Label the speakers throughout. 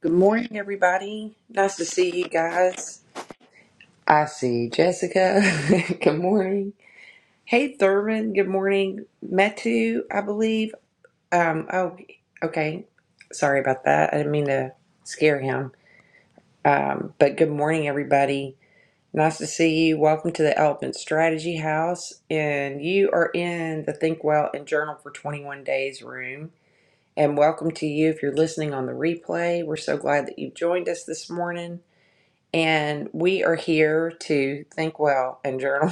Speaker 1: Good morning, everybody. Nice to see you guys. I see Jessica. Good morning. Hey, Thurman. Good morning. Metu, I believe. Um, oh, okay. Sorry about that. I didn't mean to scare him. Um, but good morning, everybody. Nice to see you. Welcome to the Elephant Strategy House. And you are in the Think Well and Journal for 21 Days room. And welcome to you if you're listening on the replay. We're so glad that you've joined us this morning. and we are here to think well and journal.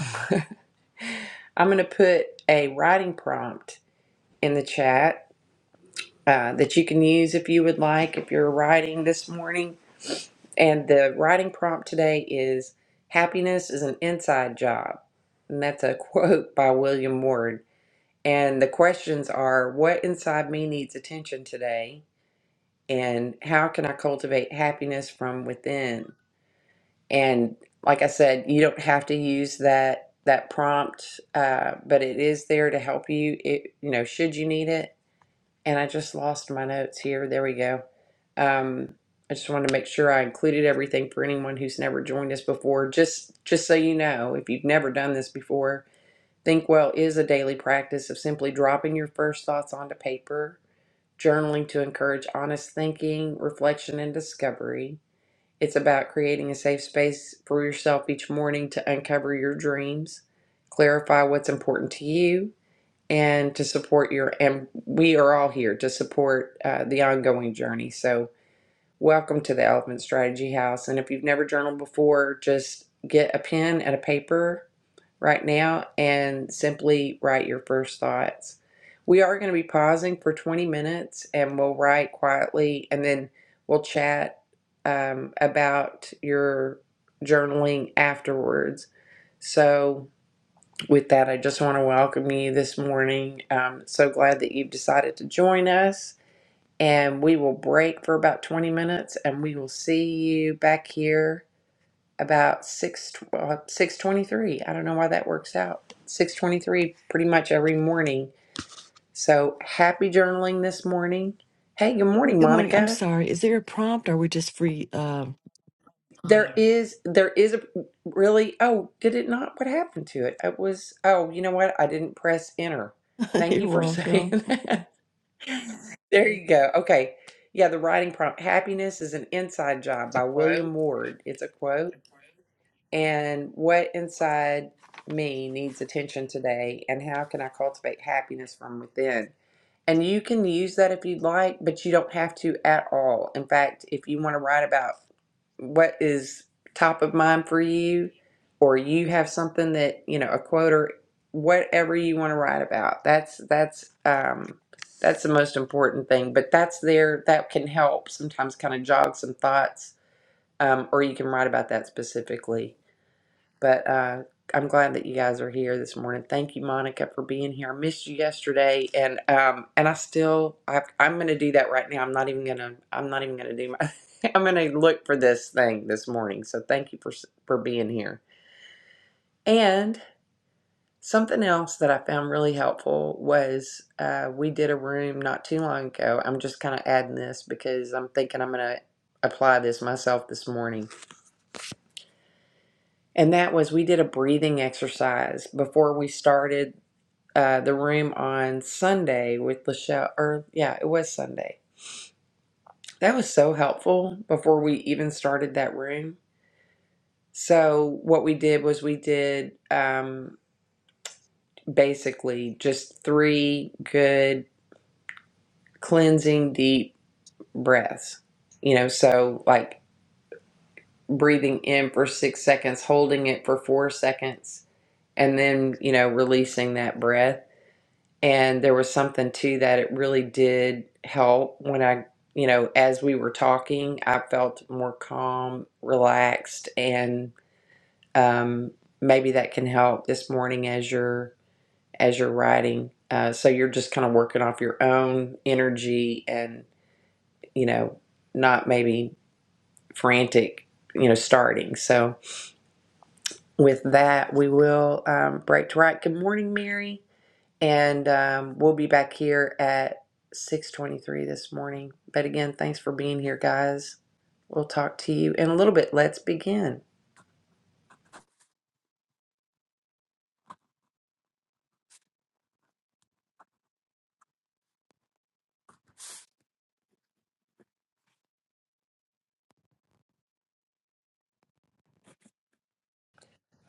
Speaker 1: I'm going to put a writing prompt in the chat uh, that you can use if you would like, if you're writing this morning. And the writing prompt today is Happiness is an inside job. And that's a quote by William Ward. And the questions are What inside me needs attention today? And how can I cultivate happiness from within? and like i said you don't have to use that that prompt uh, but it is there to help you it you know should you need it and i just lost my notes here there we go um, i just wanted to make sure i included everything for anyone who's never joined us before just just so you know if you've never done this before think well is a daily practice of simply dropping your first thoughts onto paper journaling to encourage honest thinking reflection and discovery it's about creating a safe space for yourself each morning to uncover your dreams, clarify what's important to you, and to support your. And we are all here to support uh, the ongoing journey. So Welcome to the Elephant Strategy House. And if you've never journaled before, just get a pen and a paper right now and simply write your first thoughts. We are going to be pausing for 20 minutes and we'll write quietly and then we'll chat um, about your journaling afterwards. So, with that, I just want to welcome you this morning. Um, so glad that you've decided to join us and we will break for about 20 minutes and we will see you back here about 6 uh, 6:23. I don't know why that works out. 6:23 pretty much every morning. So happy journaling this morning. Hey, good morning,
Speaker 2: Good morning. I'm
Speaker 1: Monica.
Speaker 2: sorry. Is there a prompt or we're just free? Uh,
Speaker 1: There is there is a really oh, did it not what happened to it? It was oh, you know what? I didn't press enter. Thank
Speaker 2: you're
Speaker 1: you for saying
Speaker 2: welcome.
Speaker 1: that. There you go. Okay. Yeah, the writing prompt. Happiness is an inside job by William Ward. It's a quote and what inside me needs attention today and how can I cultivate happiness from within. And you can use that if you'd like, but you don't have to at all. In fact, if you want to write about what is top of mind for you or you have something that, you know, a quote or whatever you want to write about, that's that's um that's the most important thing, but that's there that can help sometimes kind of jog some thoughts um, or you can write about that specifically but uh, I'm glad that you guys are here this morning. Thank you, Monica, for being here. I missed you yesterday, and um, and I still I, I'm going to do that right now. I'm not even gonna I'm not even gonna do my I'm going to look for this thing this morning. So thank you for s- for being here. And something else that I found really helpful was uh, we did a room not too long ago. I'm just kind of adding this because I'm thinking I'm going to apply this myself this morning. And that was we did a breathing exercise before we started uh, the room on Sunday with Lachelle, or yeah, it was Sunday. That was so helpful before we even started that room. So, what we did was we did um, basically just three good cleansing deep breaths. You know, so like breathing in for six seconds, holding it for four seconds, and then, you know, releasing that breath and there was something too that it really did help when i you know as we were talking i felt more calm relaxed and um, maybe that can help this morning as you're as you're writing uh, so you're just kind of working off your own energy and you know not maybe frantic you know starting so with that we will um, break to write. good morning mary and um, we'll be back here at 6:23 this morning. But again, thanks for being here, guys. We'll talk to you in a little bit. Let's begin.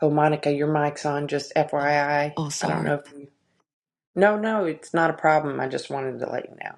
Speaker 1: Oh, Monica, your mic's on. Just FYI,
Speaker 2: Oh,
Speaker 1: I
Speaker 2: oh,
Speaker 1: I don't
Speaker 2: sorry.
Speaker 1: know if you. No, no, it's not a problem. I just wanted to let you know.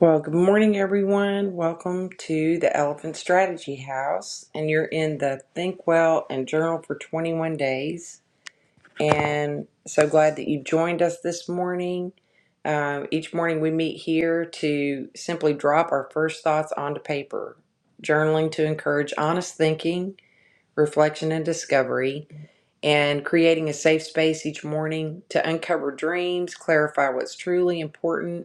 Speaker 1: Well, good morning, everyone. Welcome to the Elephant Strategy House, and you're in the Think Well and Journal for 21 Days and so glad that you've joined us this morning. Um, each morning we meet here to simply drop our first thoughts onto paper, journaling to encourage honest thinking, reflection, and discovery, and creating a safe space each morning to uncover dreams, clarify what's truly important,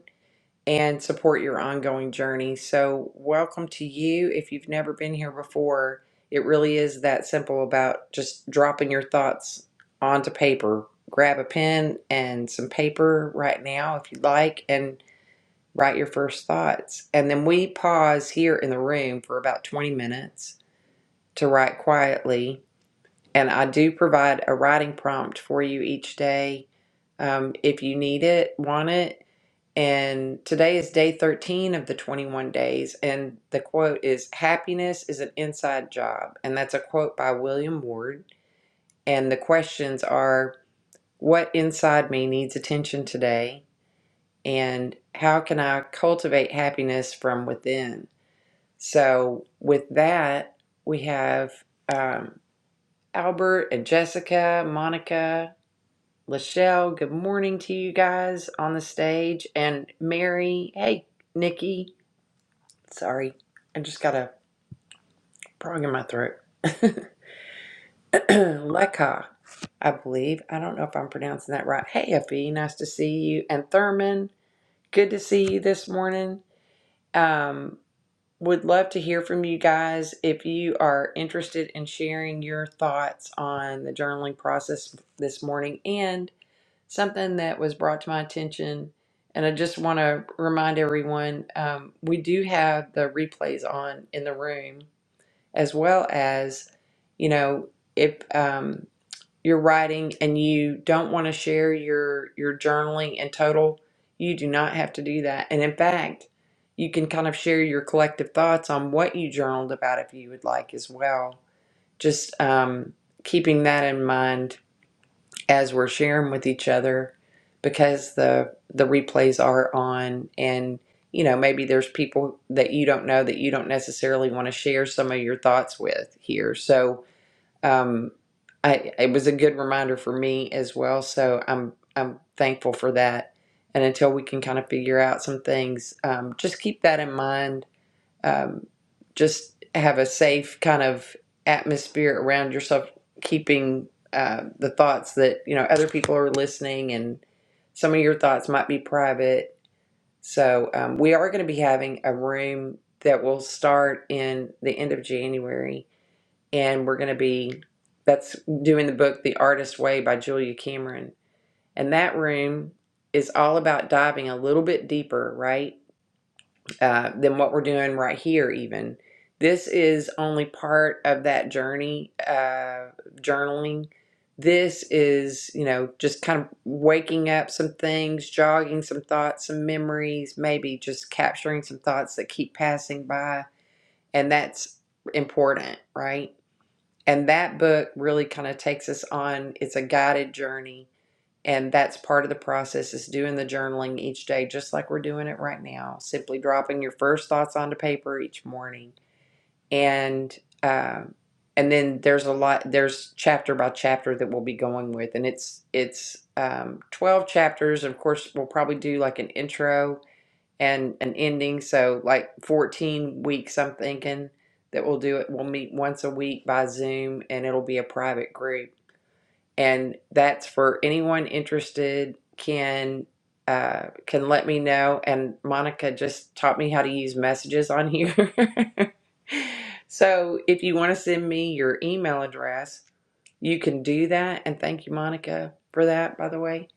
Speaker 1: and support your ongoing journey. So, welcome to you. If you've never been here before, it really is that simple about just dropping your thoughts onto paper. Grab a pen and some paper right now if you'd like and write your first thoughts. And then we pause here in the room for about 20 minutes to write quietly. And I do provide a writing prompt for you each day um, if you need it, want it and today is day 13 of the 21 days. And the quote is Happiness is an inside job. And that's a quote by William Ward. And the questions are What inside me needs attention today? And how can I cultivate happiness from within? So, with that, we have um, Albert and Jessica, Monica, Lachelle. Good morning to you guys on the stage. And Mary, hey, Nikki. Sorry, I just got a frog in my throat. Leka, I believe. I don't know if I'm pronouncing that right. Hey, Effie, nice to see you. And Thurman, good to see you this morning. Um, would love to hear from you guys if you are interested in sharing your thoughts on the journaling process this morning and something that was brought to my attention. And I just want to remind everyone um, we do have the replays on in the room as well as, you know, if um, you're writing and you don't want to share your your journaling in total, you do not have to do that. And in fact, you can kind of share your collective thoughts on what you journaled about if you would like as well. Just um, keeping that in mind as we're sharing with each other because the the replays are on and you know maybe there's people that you don't know that you don't necessarily want to share some of your thoughts with here so um i it was a good reminder for me as well so i'm i'm thankful for that and until we can kind of figure out some things um, just keep that in mind um, just have a safe kind of atmosphere around yourself, keeping uh, the thoughts that you know other people are listening, and some of your thoughts might be private. So um, we are going to be having a room that will start in the end of January, and we're going to be that's doing the book "The Artist Way" by Julia Cameron, and that room is all about diving a little bit deeper, right? uh, than what we're doing right here even this is only part of that journey uh, journaling this is you know just kind of waking up some things jogging some thoughts some memories maybe just capturing some thoughts that keep passing by and that's important right and that book really kind of takes us on it's a guided journey and that's part of the process is doing the journaling each day just like we're doing it right now simply dropping your first thoughts onto paper each morning and um, and then there's a lot there's chapter by chapter that we'll be going with and it's it's um, 12 chapters of course we'll probably do like an intro and an ending so like 14 weeks i'm thinking that we'll do it we'll meet once a week by zoom and it'll be a private group and that's for anyone interested can uh, can let me know. And Monica just taught me how to use messages on here. so if you want to send me your email address, you can do that. And thank you, Monica, for that. By the way,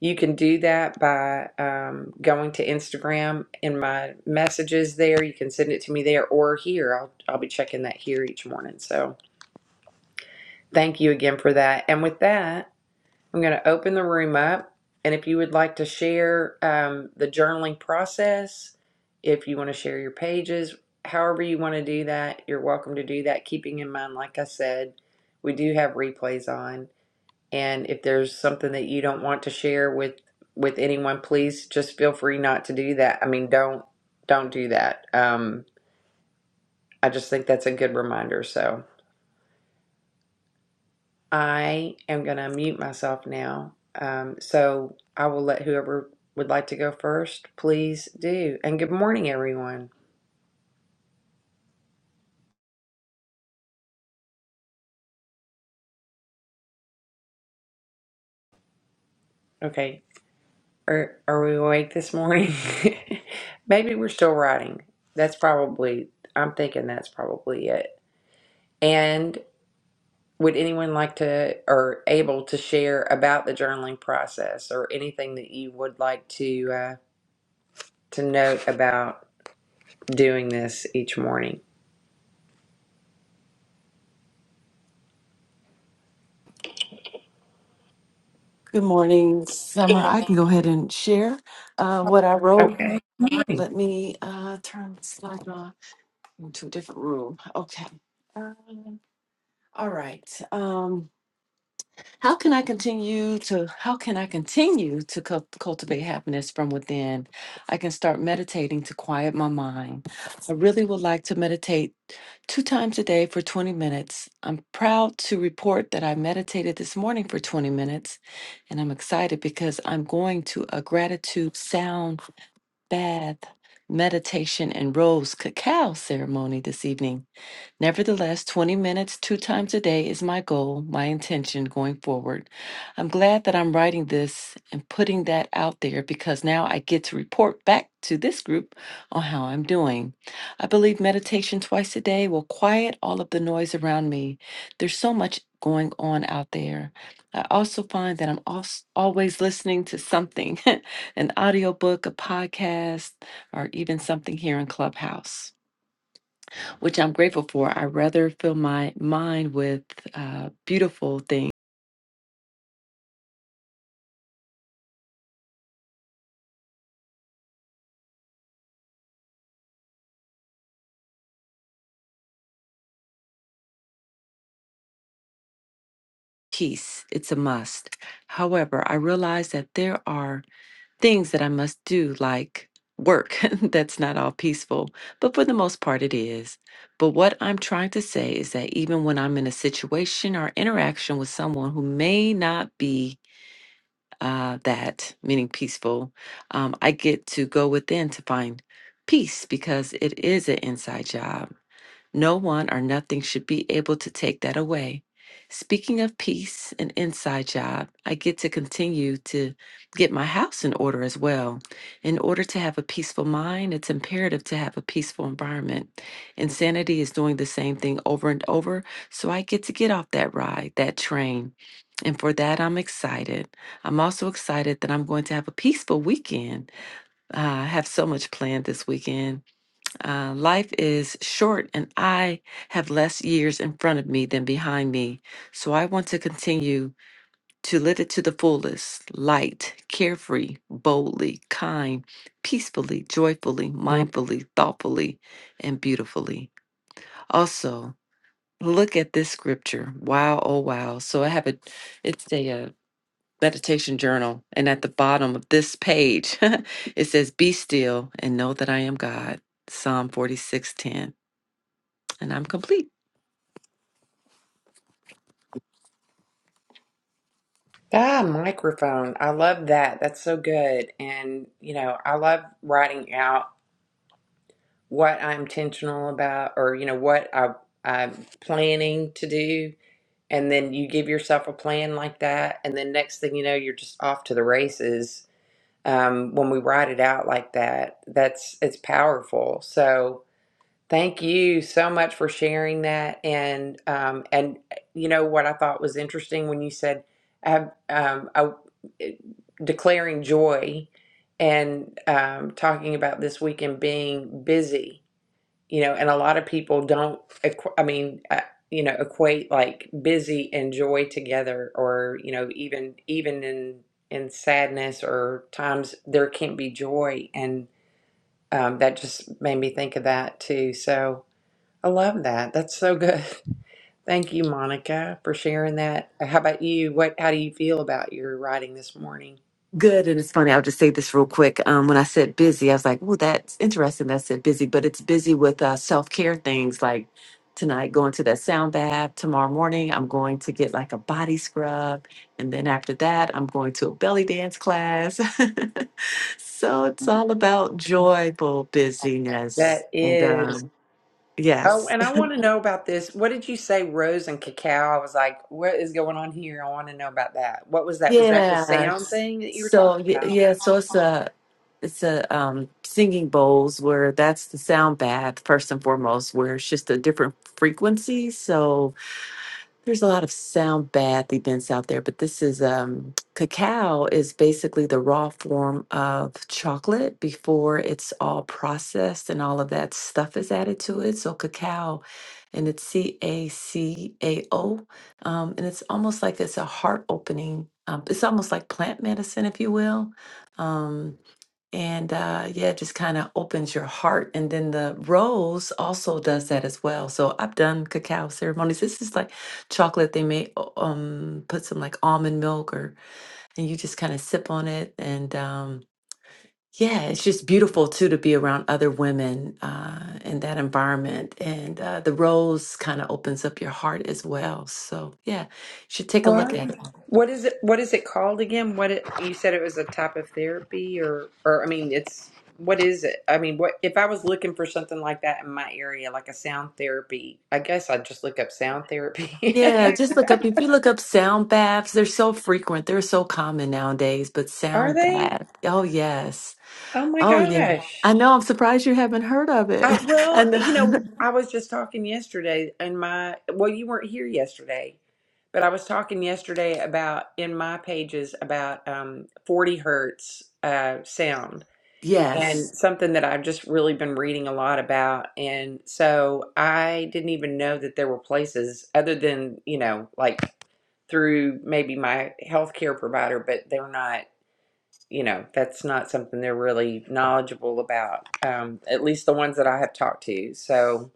Speaker 1: you can do that by um, going to Instagram in my messages there. You can send it to me there or here. I'll I'll be checking that here each morning. So thank you again for that. And with that. I'm going to open the room up. And if you would like to share um, the journaling process, if you want to share your pages, however you want to do that, you're welcome to do that. Keeping in mind, like I said, we do have replays on. And if there's something that you don't want to share with with anyone, please just feel free not to do that. I mean, don't don't do that. Um, I just think that's a good reminder. So. I am going to mute myself now. Um, so I will let whoever would like to go first, please do. And good morning, everyone. Okay. Are, are we awake this morning? Maybe we're still writing. That's probably, I'm thinking that's probably it. And would anyone like to or able to share about the journaling process or anything that you would like to uh, to note about doing this each morning?
Speaker 2: Good morning, Summer. I can go ahead and share uh, what I wrote.
Speaker 1: Okay. Good morning.
Speaker 2: Let me uh, turn the slide on into a different room. Okay. Um, all right. Um, How can I continue to how can I continue to cul- cultivate happiness from within? I can start meditating to quiet my mind. I really would like to meditate two times a day for 20 minutes. I'm proud to report that I meditated this morning for 20 minutes and I'm excited because I'm going to a gratitude sound bath meditation and rose cacao ceremony this evening. Nevertheless, 20 minutes two times a day is my goal, my intention going forward. I'm glad that I'm writing this and putting that out there because now I get to report back to this group on how I'm doing. I believe meditation twice a day will quiet all of the noise around me. There's so much going on out there. I also find that I'm als- always listening to something an audiobook, a podcast, or even something here in Clubhouse which I'm grateful for. I rather fill my mind with uh, beautiful things. Peace, it's a must. However, I realize that there are things that I must do, like work, that's not all peaceful, but for the most part, it is. But what I'm trying to say is that even when I'm in a situation or interaction with someone who may not be uh, that, meaning peaceful, um, I get to go within to find peace because it is an inside job No one or nothing should be able to take that away. Speaking of peace and inside job, I get to continue to get my house in order as well. In order to have a peaceful mind, it's imperative to have a peaceful environment. Insanity is doing the same thing over and over, so I get to get off that ride, that train. And for that, I'm excited. I'm also excited that I'm going to have a peaceful weekend. Uh, I have so much planned this weekend. Uh, life is short, and I have less years in front of me than behind me. So I want to continue to live it to the fullest light, carefree, boldly, kind, peacefully, joyfully, mindfully, thoughtfully, and beautifully. Also, look at this scripture. Wow, oh, wow. So I have a, it's a, uh meditation journal. And at the bottom of this page, it says, Be still and know that I am God. Psalm 46:10 and I'm complete.
Speaker 1: Ah, microphone. I love that. That's so good. And, you know, I love writing out what I'm intentional about or, you know, what I, I'm planning to do. And then you give yourself a plan like that. And then next thing you know, you're just off to the races. Um, when we write it out like that, that's it's powerful. So, Thank you so much for sharing that. And um, and eh, you know what I thought was interesting when you said I have um, I, eh, declaring joy and um, talking about this weekend being busy. You know, and a lot of people don't. equ- I mean, uh, you know, equate like busy and joy together, or you know, even even in in sadness or times there can't be joy and um, that just made me think of that too. So, I love that. That's so good. Thank you, Monica, for sharing that. How about you? What how do you feel about your writing this morning?
Speaker 2: Good. And it's funny, I'll just say this real quick. Um, when I said busy, I was like, well, that's interesting that I said busy, but it's busy with uh, self care things like tonight going to that sound bath. Tomorrow morning, I'm going to get like a body scrub. And then after that, I'm going to a belly dance class. so it's all about joyful busyness.
Speaker 1: That
Speaker 2: And
Speaker 1: is
Speaker 2: um,
Speaker 1: Oh,
Speaker 2: yes.
Speaker 1: and I want to know about this. What did you say, rose and cacao? I was like, what is going on here? I want to know about that. What was that? Was that the
Speaker 2: Yeah.
Speaker 1: sound thing that you were
Speaker 2: So,
Speaker 1: talking
Speaker 2: y-
Speaker 1: about?
Speaker 2: yeah. So it's a, it's a um, singing bowls where that's the sound bath first and foremost where it's just a different frequency so there's a lot of sound bath events out there but this is um, cacao is basically the raw form of chocolate before it's all processed and all of that stuff is added to it so cacao and it's c-a-c-a-o um, and it's almost like it's a heart opening um, it's almost like plant medicine if you will um, and uh, yeah, it just kind of opens your heart. And then the rose also does that as well. So I've done cacao ceremonies. This is like chocolate. They may uh, um put some like almond milk or and you just kind of sip on it. And um yeah, it's just beautiful too to be around other women uh, in that environment. And uh, the rose kind of opens up your heart as well. So yeah, you should take a look at it.
Speaker 1: Um, what is it? What is it called again? What it, you said it was a type of therapy, or or I mean, it's what is it? I mean, what if I was looking for something like that in my area, like a sound therapy? I guess I'd just look up sound therapy.
Speaker 2: Yeah, just look up. If you look up sound baths, they're so frequent. They're so common nowadays, but
Speaker 1: Are
Speaker 2: sound
Speaker 1: they?
Speaker 2: bath. Oh, yes.
Speaker 1: Oh my
Speaker 2: Oh, yeah.
Speaker 1: gosh.
Speaker 2: I know. I'm surprised you haven't heard of it.
Speaker 1: I,
Speaker 2: I
Speaker 1: well,
Speaker 2: know.
Speaker 1: you know, I was just talking yesterday, and my well, you weren't here yesterday, but I was talking yesterday about in my pages about um, forty hertz uh, sound.
Speaker 2: Yes.
Speaker 1: and something that I've just really been reading a lot about. And so I didn't even know that there were places other than, you know, like through maybe my healthcare provider, but they're not, you know, that's not something they're really knowledgeable about, um, at least the ones that I have talked to. So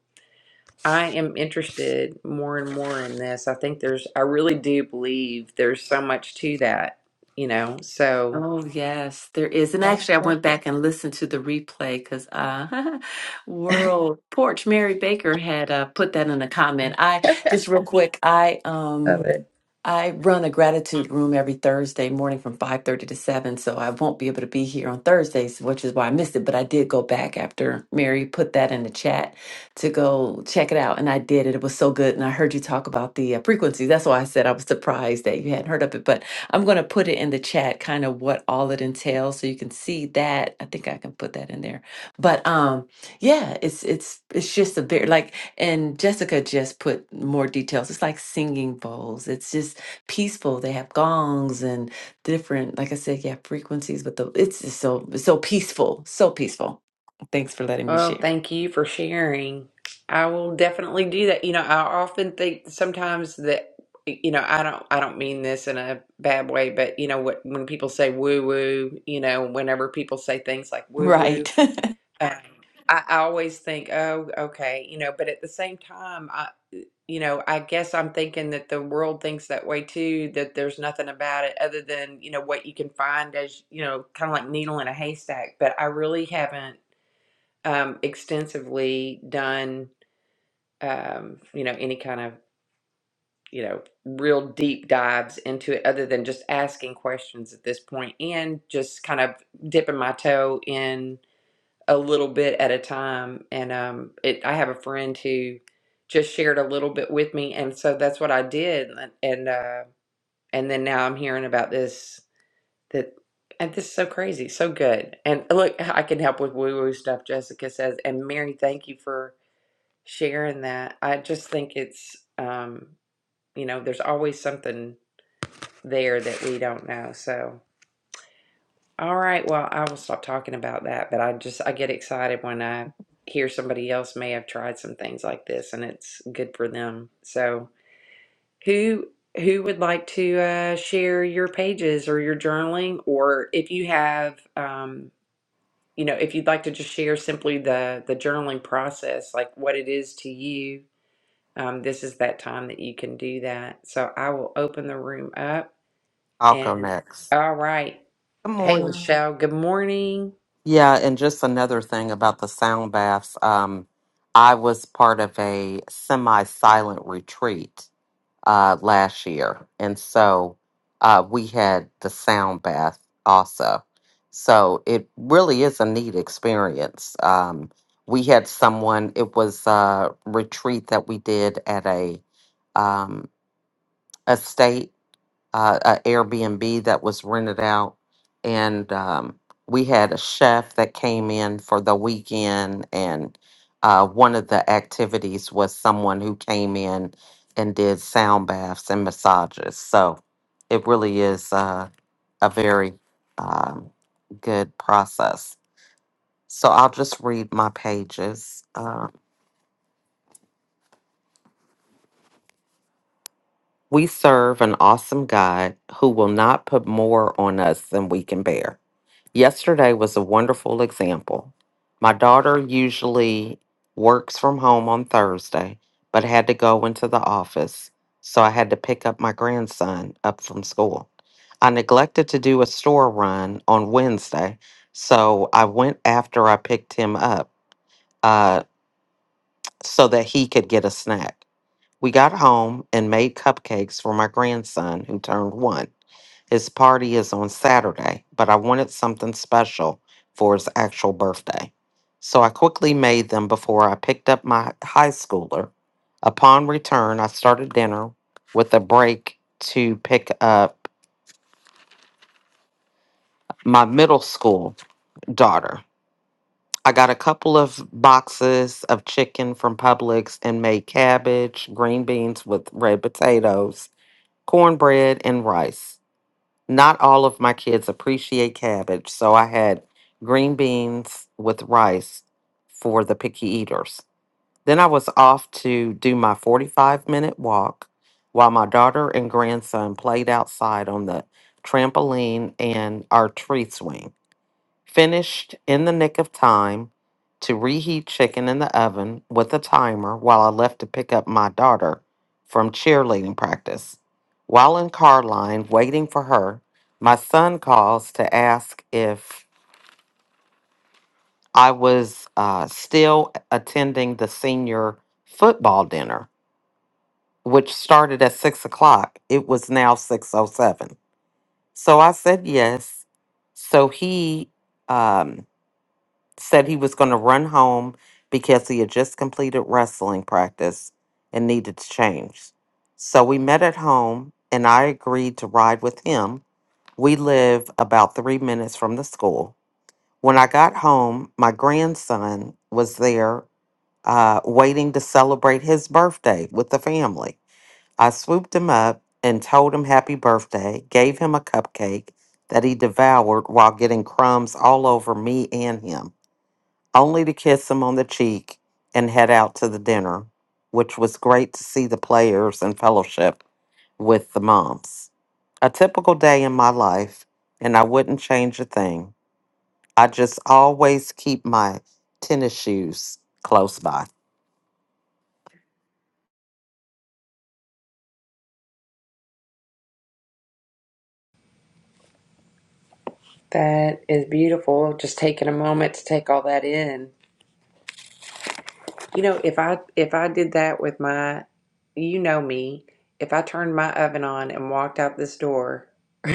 Speaker 1: I am interested more and more in this. I think there's, I really do believe there's so much to that, you know, so.
Speaker 2: Oh, yes, there is. And actually, I went back and listened to the replay because uh, World Porch Mary Baker had uh, put that in a comment. I just real quick, I um I run a gratitude room every Thursday morning from 5:30 to 7, so I won't be able to be here on Thursdays, which is why I missed it, but I did go back after Mary put that in the chat to go check it out and I did it. It was so good and I heard you talk about the uh, frequencies. That's why I said I was surprised that you hadn't heard of it, but I'm going to put it in the chat kind of what all it entails so you can see that. I think I can put that in there. But um yeah, it's it's it's just a very like and Jessica just put more details. It's like singing bowls. It's just peaceful. They have gongs and different, like I said, yeah, frequencies. But the it's just so it's so peaceful, so peaceful. Thanks for letting me
Speaker 1: Oh,
Speaker 2: share.
Speaker 1: thank you for sharing. I will definitely do that. You know, I often think sometimes that you know, I don't I don't mean this in a bad way, but you know what when people say woo woo, you know, whenever people say things like woo woo,
Speaker 2: Right.
Speaker 1: um, I, I always think, oh, okay, you know, but at the same time, I you know, I guess I'm thinking that the world thinks that way too, that there's nothing about it other than, you know, what you can find as, you know, kind of like needle in a haystack. But I really haven't um, extensively done, um, you know, any kind of, you know, real deep dives into it other than just asking questions at this point and just kind of dipping my toe in a little bit at a time. And um, it, I have a friend who just shared a little bit with me. And so that's what I did. And, and, uh, and then now I'm hearing about this, that, and this is so crazy, so good. And look, I can help with woo woo stuff, Jessica says. And Mary, thank you for sharing that. I just think it's, um, you know, there's always something there that we don't know. So, all right, well, I will stop talking about that, but I just, I get excited when I hear somebody else may have tried some things like this and it's good for them. So, who, who would like to uh, share your pages or your journaling, or if you have, um, you know, if you'd like to just share simply the the journaling process, like what it is to you, Um, this is that time that you can do that. So I will open the room up
Speaker 3: I'll go
Speaker 1: and
Speaker 3: next.
Speaker 1: all right.
Speaker 3: Good
Speaker 1: Hey,
Speaker 3: morning.
Speaker 1: Michelle, good morning.
Speaker 3: Yeah, and just another thing about the sound baths. Um, I was part of a semi-silent retreat uh, last year, and so uh, we had the sound bath also. So it really is a neat experience. Um, we had someone. It was a retreat that we did at a um, estate uh, a Airbnb that was rented out, and um, we had a chef that came in for the weekend, and uh, one of the activities was someone who came in and did sound baths and massages. So it really is uh, a very um, good process. So I'll just read my pages. Uh, we serve an awesome God who will not put more on us than we can bear. Yesterday was a wonderful example. My daughter usually works from home on Thursday, but had to go into the office, so I had to pick up my grandson up from school. I neglected to do a store run on Wednesday, so I went after I picked him up uh, so that he could get a snack. We got home and made cupcakes for my grandson who turned one. His party is on Saturday, but I wanted something special for his actual birthday. So I quickly made them before I picked up my high schooler. Upon return, I started dinner with a break to pick up my middle school daughter. I got a couple of boxes of chicken from Publix and made cabbage, green beans with red potatoes, cornbread, and rice. Not all of my kids appreciate cabbage, so I had green beans with rice for the picky eaters. Then I was off to do my 45 minute walk while my daughter and grandson played outside on the trampoline and our tree swing. Finished in the nick of time to reheat chicken in the oven with a timer while I left to pick up my daughter from cheerleading practice. While in car line waiting for her, my son calls to ask if I was uh, still attending the senior football dinner, which started at six o'clock. It was now six oh seven. So I said yes. So he um, said he was going to run home because he had just completed wrestling practice and needed to change. So we met at home and I agreed to ride with him. We live about three minutes from the school. When I got home, my grandson was there uh, waiting to celebrate his birthday with the family. I swooped him up and told him happy birthday, gave him a cupcake that he devoured while getting crumbs all over me and him only to kiss him on the cheek and head out to the dinner, which was great to see the players and fellowship with the moms. A typical day in my life, and I wouldn't change a thing. I just always keep my tennis shoes close by.
Speaker 1: That is beautiful. Just taking a moment to take all that in. You know, if I if I did that with my you know me, if I turned my oven on and walked out this door,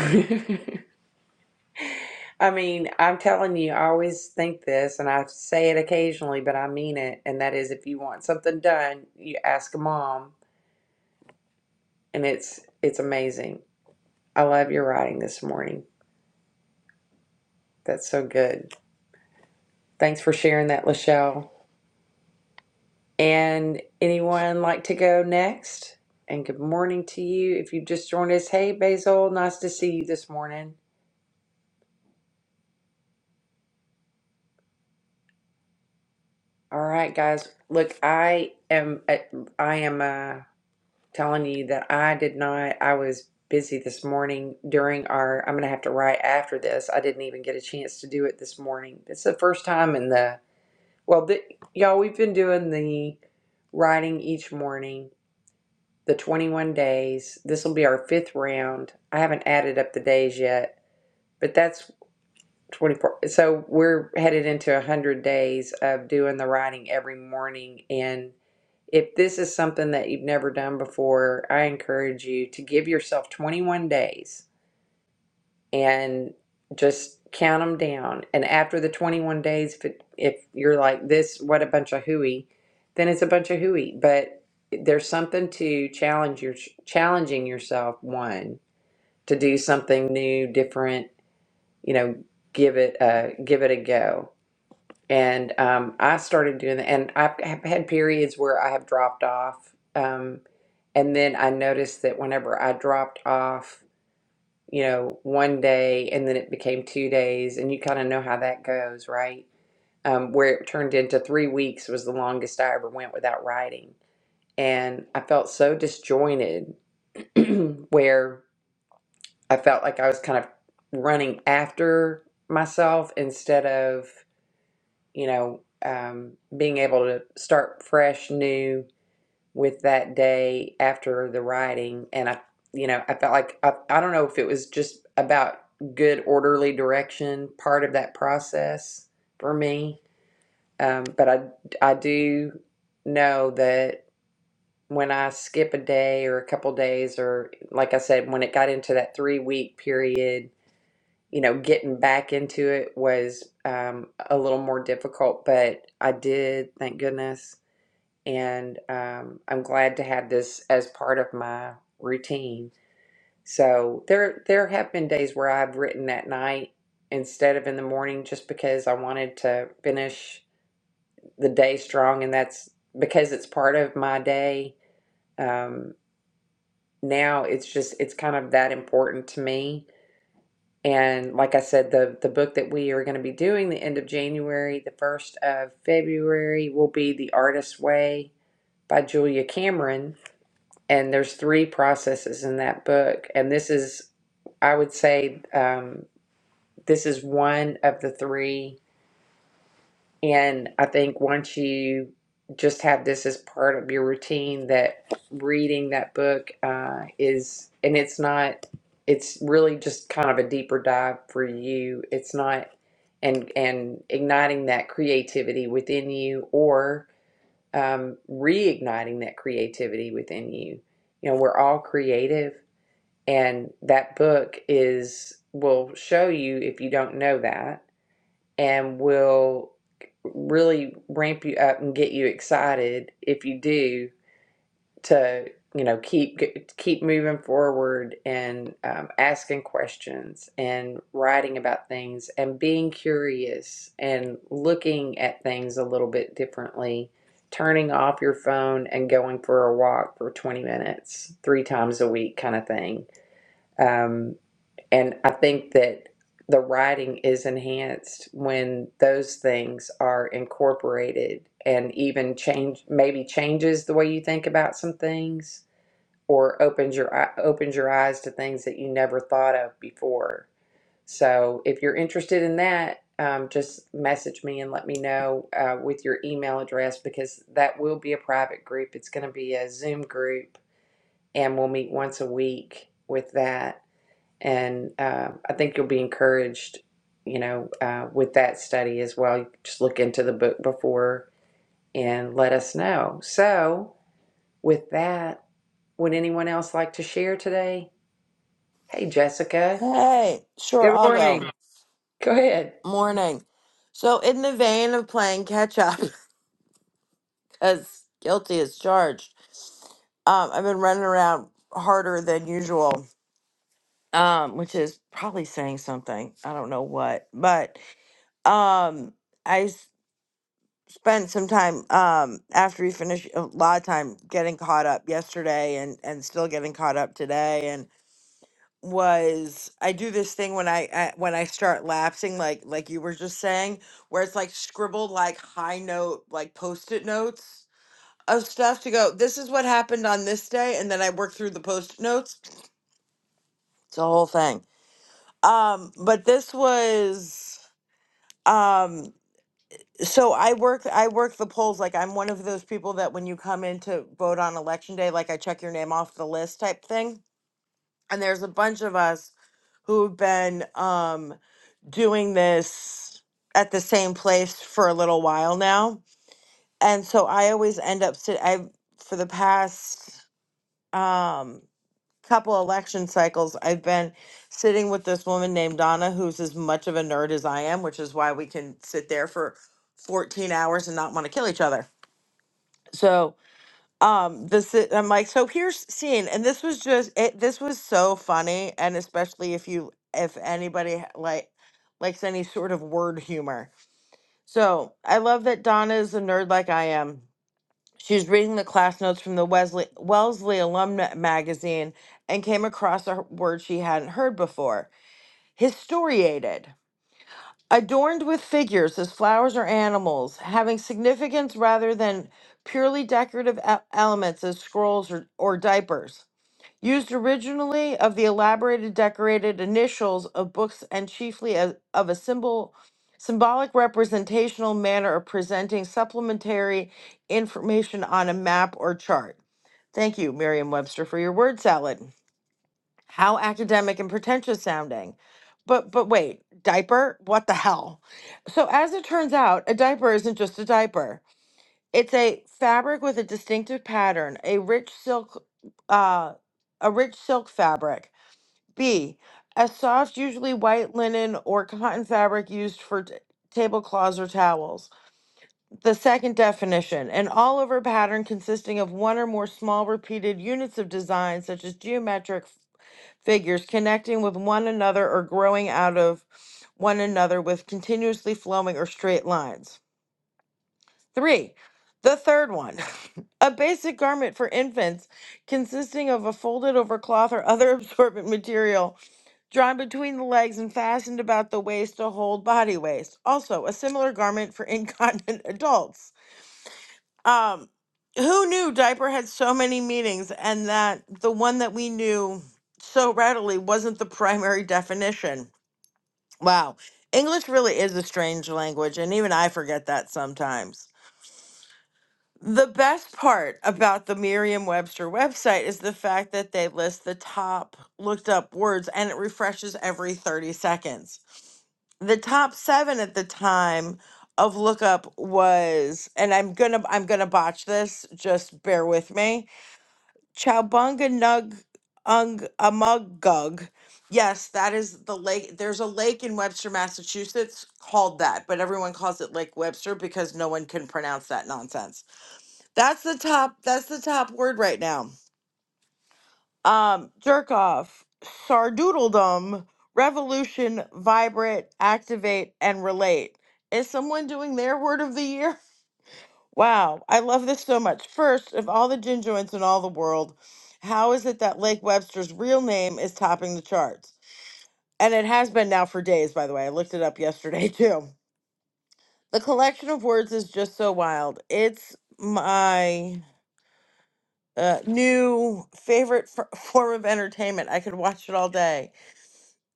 Speaker 1: I mean, I'm telling you, I always think this and I say it occasionally, but I mean it, and that is if you want something done, you ask a mom and it's it's amazing. I love your writing this morning. That's so good. Thanks for sharing that, Lachelle. And anyone like to go next? And good morning to you. If you just joined us, hey Basil, nice to see you this morning. All right, guys. Look, I am uh, I am uh, telling you that I did not. I was busy this morning during our. I'm gonna have to write after this. I didn't even get a chance to do it this morning. It's the first time in the Well, th y'all, we've been doing the writing each morning, the 21 days. This will be our fifth round. I haven't added up the days yet, but that's 24. So we're headed into 100 days of doing the writing every morning. And if this is something that you've never done before, I encourage you to give yourself 21 days and just count them down. And after the 21 days, if, it, if you're like this, what a bunch of hooey, then it's a bunch of hooey. But there's something to challenge your challenging yourself. One to do something new, different. You know, give it a give it a go. And um, I started doing that, and I've have had periods where I have dropped off. Um, and then I noticed that whenever I dropped off you know, one day and then it became two days, and you kind of know how that goes, right? Um, where it turned into three weeks was the longest I ever went without writing. And I felt so disjointed where I felt like I was kind of running after myself instead of, you know, um, being able to start fresh, new, with that day after the writing and i you know i felt like i, I don't know if it was just about good orderly direction part of that process for me um, but i i do know that when i skip a day or a couple days or like i said when it got into that three week period you know getting back into it was um, a little more difficult but i did thank goodness and um, I'm glad to have this as part of my routine. So there there have been days where I've written at night instead of in the morning just because I wanted to finish the day strong and that's because it's part of my day. Um, now it's just it's kind of that important to me. And like I said, the the book that we are going to be doing the end of January, the first of February will be The Artist's Way by Julia Cameron and there's three processes in that book and this is i would say um, this is one of the three and i think once you just have this as part of your routine that reading that book uh, is and it's not it's really just kind of a deeper dive for you it's not and and igniting that creativity within you or um, reigniting that creativity within you you know we're all creative and that book is will show you if you don't know that and will really ramp you up and get you excited if you do to you know keep keep moving forward and um, asking questions and writing about things and being curious and looking at things a little bit differently turning off your phone and going for a walk for 20 minutes three times a week kind of thing Um, and I think that the writing is enhanced when those things are incorporated and even change maybe changes the way you think about some things or opens your eye- opens your eyes to things that you never thought of before. So if you're interested in that, um, just message me and let me know uh, with your email address because that will be a private group. It's going to be a Zoom group and we'll meet once a week with that and uh, I think you'll be encouraged, you know, uh, with that study as well. You just look into the book before and let us know. So, with that, would anyone else like to share today? Hey, Jessica.
Speaker 4: Hey, sure,
Speaker 1: Good
Speaker 4: I'll
Speaker 1: morning.
Speaker 4: go.
Speaker 1: Go ahead.
Speaker 4: Morning. So, in the vein of playing catch up, because guilty is charged, um, I've been running around harder than usual, um, which is probably saying something. I don't know what, but um, I s- spent some time um, after we finished a lot of time getting caught up yesterday and, and still getting caught up today. was I do this thing when I, I when I start lapsing like like you were just saying where it's like scribbled like high note like post-it notes of stuff to go this is what happened on this day and then I work through the post-it notes it's a whole thing um but this was um so I work I work the polls like I'm one of those people that when you come in to vote on election day like I check your name off the list type thing and there's a bunch of us who've been um, doing this at the same place for a little while now. And so I always end up sit I for the past um couple election cycles I've been sitting with this woman named Donna who's as much of a nerd as I am, which is why we can sit there for 14 hours and not want to kill each other. So um this is, i'm like so here's scene and this was just it this was so funny and especially if you if anybody ha- like likes any sort of word humor so i love that donna is a nerd like i am she's reading the class notes from the wesley wellesley alumna magazine and came across a word she hadn't heard before historiated adorned with figures as flowers or animals, having significance rather than purely decorative e- elements as scrolls or, or diapers. Used originally of the elaborated decorated initials of books and chiefly as, of a symbol, symbolic representational manner of presenting supplementary information on a map or chart. Thank you, Merriam Webster, for your word salad. How academic and pretentious sounding. But but wait, diaper? What the hell? So as it turns out, a diaper isn't just a diaper. It's a fabric with a distinctive pattern, a rich silk uh a rich silk fabric. B, a soft, usually white linen or cotton fabric used for t- tablecloths or towels. The second definition, an all over pattern consisting of one or more small repeated units of design, such as geometric, figures connecting with one another or growing out of one another with continuously flowing or straight lines. Three, the third one, a basic garment for infants consisting of a folded over cloth or other absorbent material drawn between the legs and fastened about the waist to hold body waste. Also, a similar garment for incontinent adults. Um, who knew diaper had so many meanings and that the one that we knew so readily wasn't the primary definition? Wow. English really is a strange language, and even I forget that sometimes. The best part about the Merriam Webster website is the fact that they list the top looked up words and it refreshes every 30 seconds. The top seven at the time of lookup was and i'm gonna i'm gonna botch this just bear with me Chowbunga Nug Ung Amugug. Yes, that is the lake. There's a lake in Webster, Massachusetts called that, but everyone calls it Lake Webster because no one can pronounce that nonsense. That's the top that's the top word right now. Um jerk off, sardoodledom, revolution, vibrate, activate, and relate. Is someone doing their word of the year? Wow, I love this so much. First, of all the gin joints in all the world, how is it that Lake Webster's real name is topping the charts? And it has been now for days, by the way. I looked it up yesterday too. The collection of words is just so wild. It's my uh, new favorite f- form of entertainment. I could watch it all day.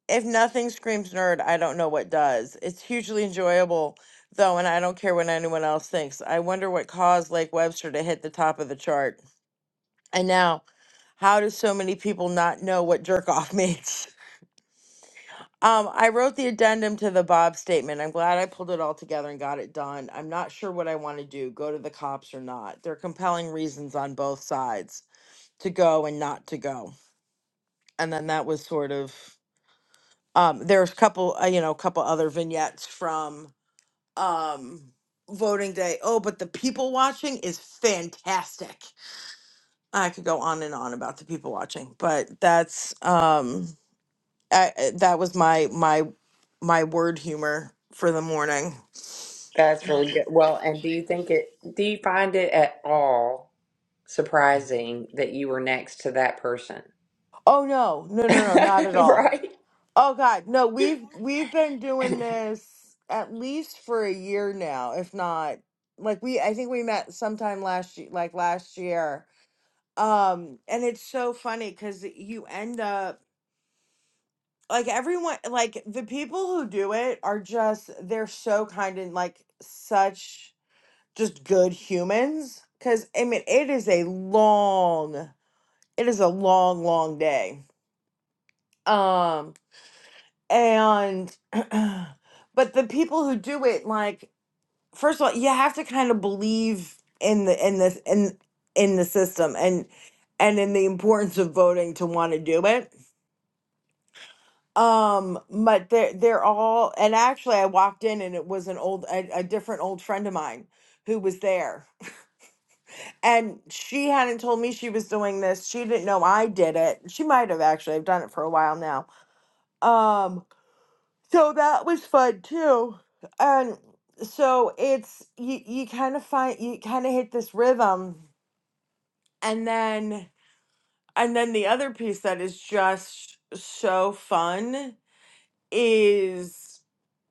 Speaker 4: If nothing screams nerd, I don't know what does. It's hugely enjoyable, though, and I don't care what anyone else thinks. I wonder what caused Lake Webster to hit the top of the chart. And now, How do so many people not know what jerk off means? Um, I wrote the addendum to the Bob statement. I'm glad I pulled it all together and got it done. I'm not sure what I want to do go to the cops or not. There are compelling reasons on both sides to go and not to go. And then that was sort of, um, there's a couple, uh, you know, a couple other vignettes from um, voting day. Oh, but the people watching is fantastic. I could go on and on about the people watching, but that's. Um, I, that was my my my word humor for the morning.
Speaker 1: That's really good. Well, and do you think it? Do you find it at all surprising that you were next to that person?
Speaker 4: Oh no, no, no, no, not at all.
Speaker 1: right?
Speaker 4: Oh God, no. We've we've been doing this at least for a year now, if not like we. I think we met sometime last year, like last year. Um, and it's so funny because you end up like everyone, like the people who do it are just they're so kind and like such just good humans. Because I mean, it is a long it is a long long day um and but the people who do it like first of all you have to kind of believe in the in this in in the system and and in the importance of voting to want to do it um but they're they're all and actually i walked in and it was an old a, a different old friend of mine who was there and she hadn't told me she was doing this she didn't know i did it she might have actually i've done it for a while now um So that was fun too. And so it's you you kind of find you kind of hit this rhythm and then and then the other piece that is just so fun is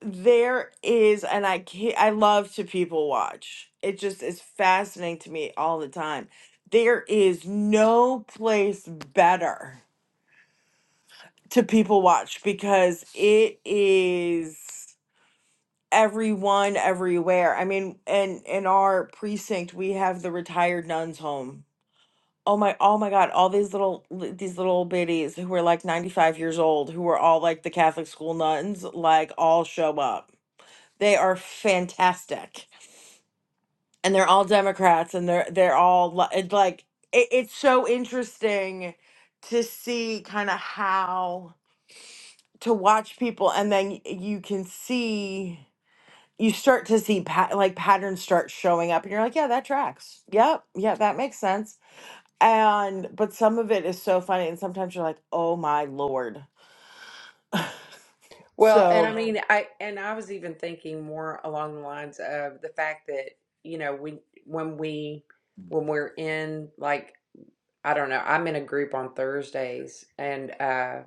Speaker 4: there is and I can I love to people watch. It just is fascinating to me all the time. There is no place better to people watch because it is everyone everywhere. I mean, in in our precinct, we have the retired nuns home. Oh my, oh my God, all these little li- these little biddies who are like 95 years old, who are all like the Catholic school nuns, like all show up. They are fantastic. And they're all Democrats and they're they're all li- it's like it, it's so interesting to see kind of how to watch people and then y- you can see you start to see pat like patterns start showing up and you're like yeah that tracks yep yeah that makes sense and but some of it is so funny and sometimes you're like oh my lord
Speaker 1: Well, and I Um,
Speaker 4: so
Speaker 1: mean, I and I was even thinking more along the lines of the fact that, you know, we when we when we're in like I don't know, I'm in a group on Thursdays and uh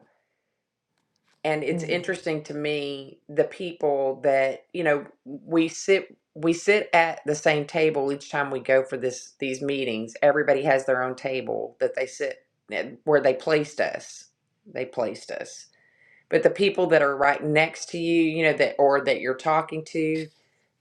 Speaker 1: and it's
Speaker 4: Mm.
Speaker 1: interesting to me the people that, you know, we sit we sit at the same table each time we go for this these meetings. Everybody has their own table that they sit eh, where they placed us. They placed us but the people that are right next to you you know that or that you're talking to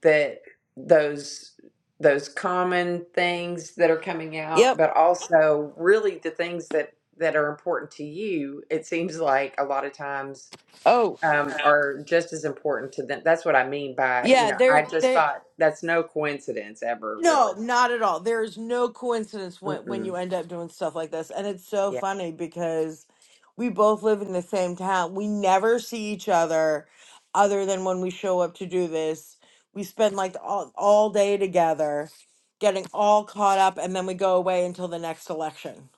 Speaker 1: that those those common things that are coming out
Speaker 4: yep
Speaker 1: but also really the things that that are important to you it seems like a lot of times
Speaker 4: oh
Speaker 1: um, are just as important to them that's what i mean by you
Speaker 4: yeah
Speaker 1: know i
Speaker 4: there
Speaker 1: just
Speaker 4: there.
Speaker 1: thought that's no coincidence ever really
Speaker 4: No, not at all. There is no coincidence when when you
Speaker 1: Mm-mm.
Speaker 4: end up doing stuff like this. And it's so
Speaker 1: yeah
Speaker 4: funny because we both live in the same town. We never see each other other than when we show up to do this. We spend like all, all day together getting all caught up and then we go away until the next election.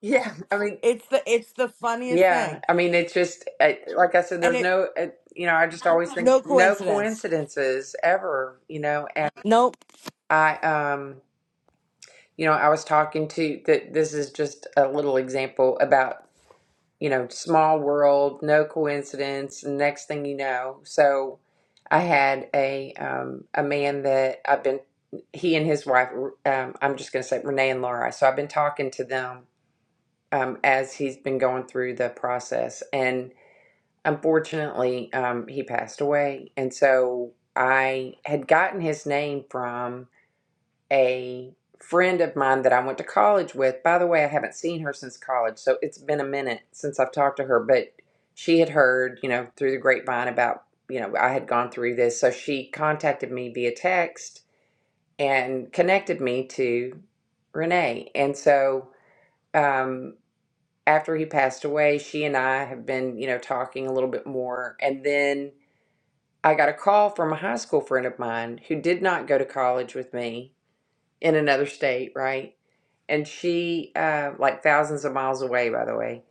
Speaker 1: yeah i mean
Speaker 4: It's the it's the funniest
Speaker 1: Yeah,
Speaker 4: thing.
Speaker 1: I mean, it's just I- like I said.
Speaker 4: And
Speaker 1: There's
Speaker 4: it
Speaker 1: no, uh, you know, I just always think
Speaker 4: no
Speaker 1: no
Speaker 4: coincidence.
Speaker 1: coincidences ever, you know. And
Speaker 4: No,
Speaker 1: I, um, you know, I was talking to that. This is just a little example about you know, small world, no coincidence. and Next thing you know, so I had a um a man that I've been he and his wife. Um, I'm just going to say Renee and Laura. So I've been talking to them um as he's been going through the process and. Unfortunately, um, he passed away. And so I had gotten his name from a friend of mine that I went to college with. By the way, I haven't seen her since college. So it's been a minute since I've talked to her, but she had heard, you know, through the grapevine about, you know, I had gone through this. So she contacted me via text and connected me to Renee. And so, um, after he passed away, she and I have been, you know, talking a little bit more. And then I got a call from a high school friend of mine who did not go to college with me in another state, right? And she, uh, like thousands of miles away, by the way,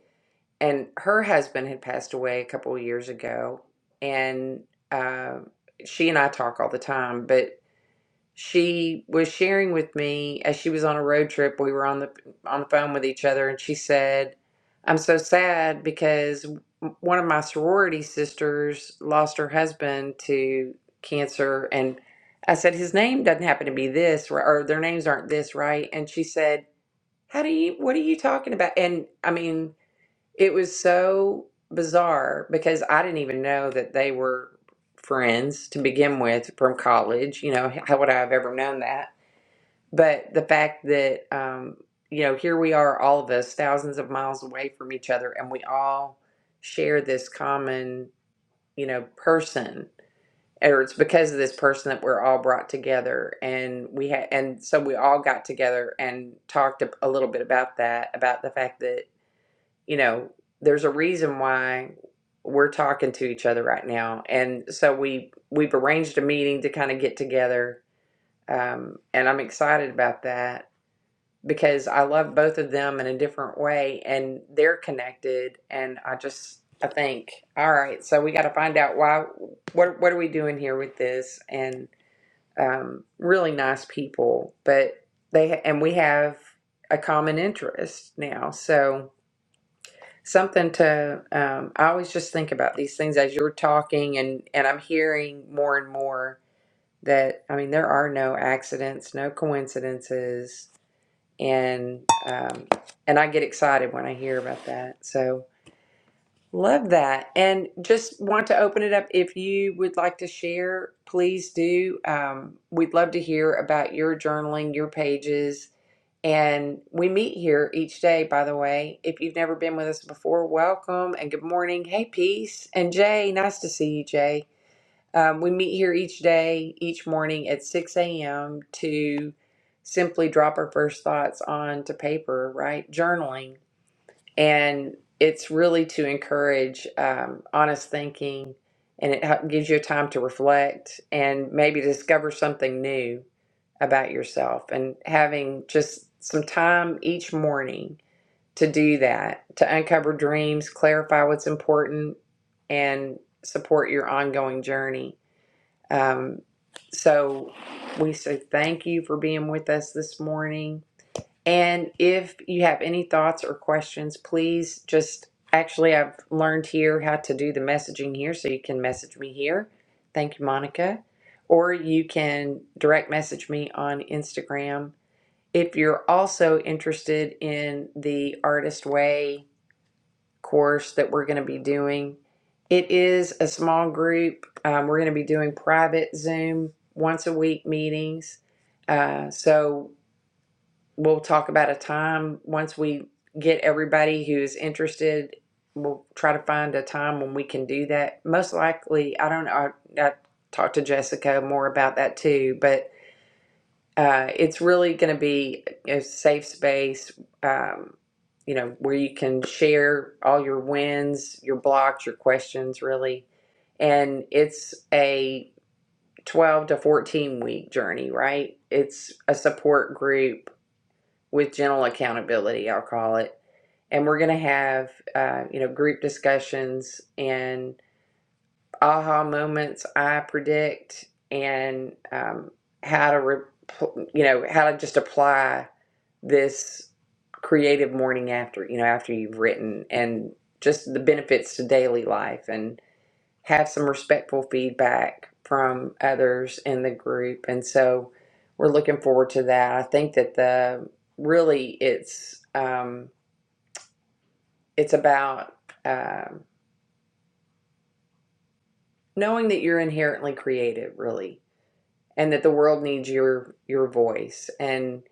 Speaker 1: and her husband had passed away a couple of years ago. And uh, she and I talk all the time, but she was sharing with me as she was on a road trip we were on the on the phone with each other and she said i'm so sad because one of my sorority sisters lost her husband to cancer and i said his name doesn't happen to be this or or their names aren't this right and she said how do you what are you talking about and i mean it was so bizarre because I didn't even know that they were friends to begin with from college. You know, how would I have ever known that? But the fact that, um, you know, here we are, all of us, thousands of miles away from each other, and we all share this common, you know, person. Or it's because of this person that we're all brought together, and we had, and so we all got together and talked a, a little bit about that, about the fact that you know, there's a reason why we're talking to each other right now. And so we we've arranged a meeting to kind of get together, um, and I'm excited about that because I love both of them in a different way, and they're connected. And I just I think, all right, so we got to find out why. What what are we doing here with this? And um, really nice people, but they and we have a common interest now, so something to um, i always just think about these things as you're talking and and i'm hearing more and more that i mean there are no accidents no coincidences and um, and i get excited when i hear about that so love that and just want to open it up if you would like to share please do um, we'd love to hear about your journaling your pages and we meet here each day, by the way. If you've never been with us before, welcome and good morning. Hey, Peace. And Jay, nice to see you, Jay. Um, we meet here each day, each morning at 6 a.m. to simply drop our first thoughts onto paper, right? Journaling and it's really to encourage um, honest thinking and it hel- gives you time to reflect and maybe discover something new about yourself and having just some time each morning to do that to uncover dreams clarify what's important and support your ongoing journey um, so we say thank you for being with us this morning and if you have any thoughts or questions, please just actually, I've learned here how to do the messaging here, so you can message me here. Thank you, Monica. Or you can direct message me on Instagram. If you're also interested in the Artist Way course that we're going to be doing, it is a small group. Um, we're going to be doing private Zoom once a week meetings. Uh, so we'll talk about a time once we get everybody who's interested. We'll try to find a time when we can do that. Most likely, I don't know. I, I talked to Jessica more about that too, but uh, it's really going to be a safe space, um, you know, where you can share all your wins, your blocks, your questions, really. And it's a 12 to 14 week journey, right? It's a support group with gentle accountability, I'll call it. And we're going to have, uh, you know, group discussions and aha moments I predict and um, how to, re- you know, how to just apply this creative morning after, you know, after you've written and just the benefits to daily life. And have some respectful feedback from others in the group. And so we're looking forward to that. I think that the really it's um, it's about um knowing that you're inherently creative, really, and that the world needs your your voice. And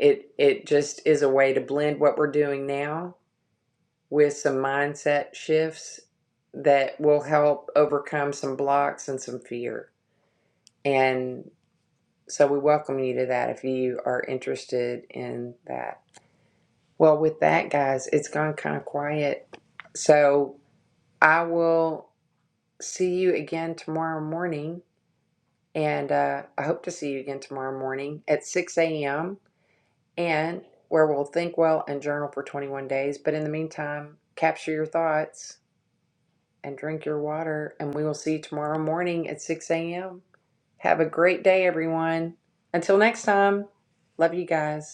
Speaker 1: it it just is a way to blend what we're doing now with some mindset shifts that will help overcome some blocks and some fear. And So we welcome you to that if you are interested in that. Well, with that, guys, it's gone kind of quiet. So I will see you again tomorrow morning. And uh, I hope to see you again tomorrow morning at 6 a.m. and where we'll think well and journal for 21 days. But in the meantime, capture your thoughts and drink your water. And we will see you tomorrow morning at 6 a.m. Have a great day, everyone. Until next time, love you guys.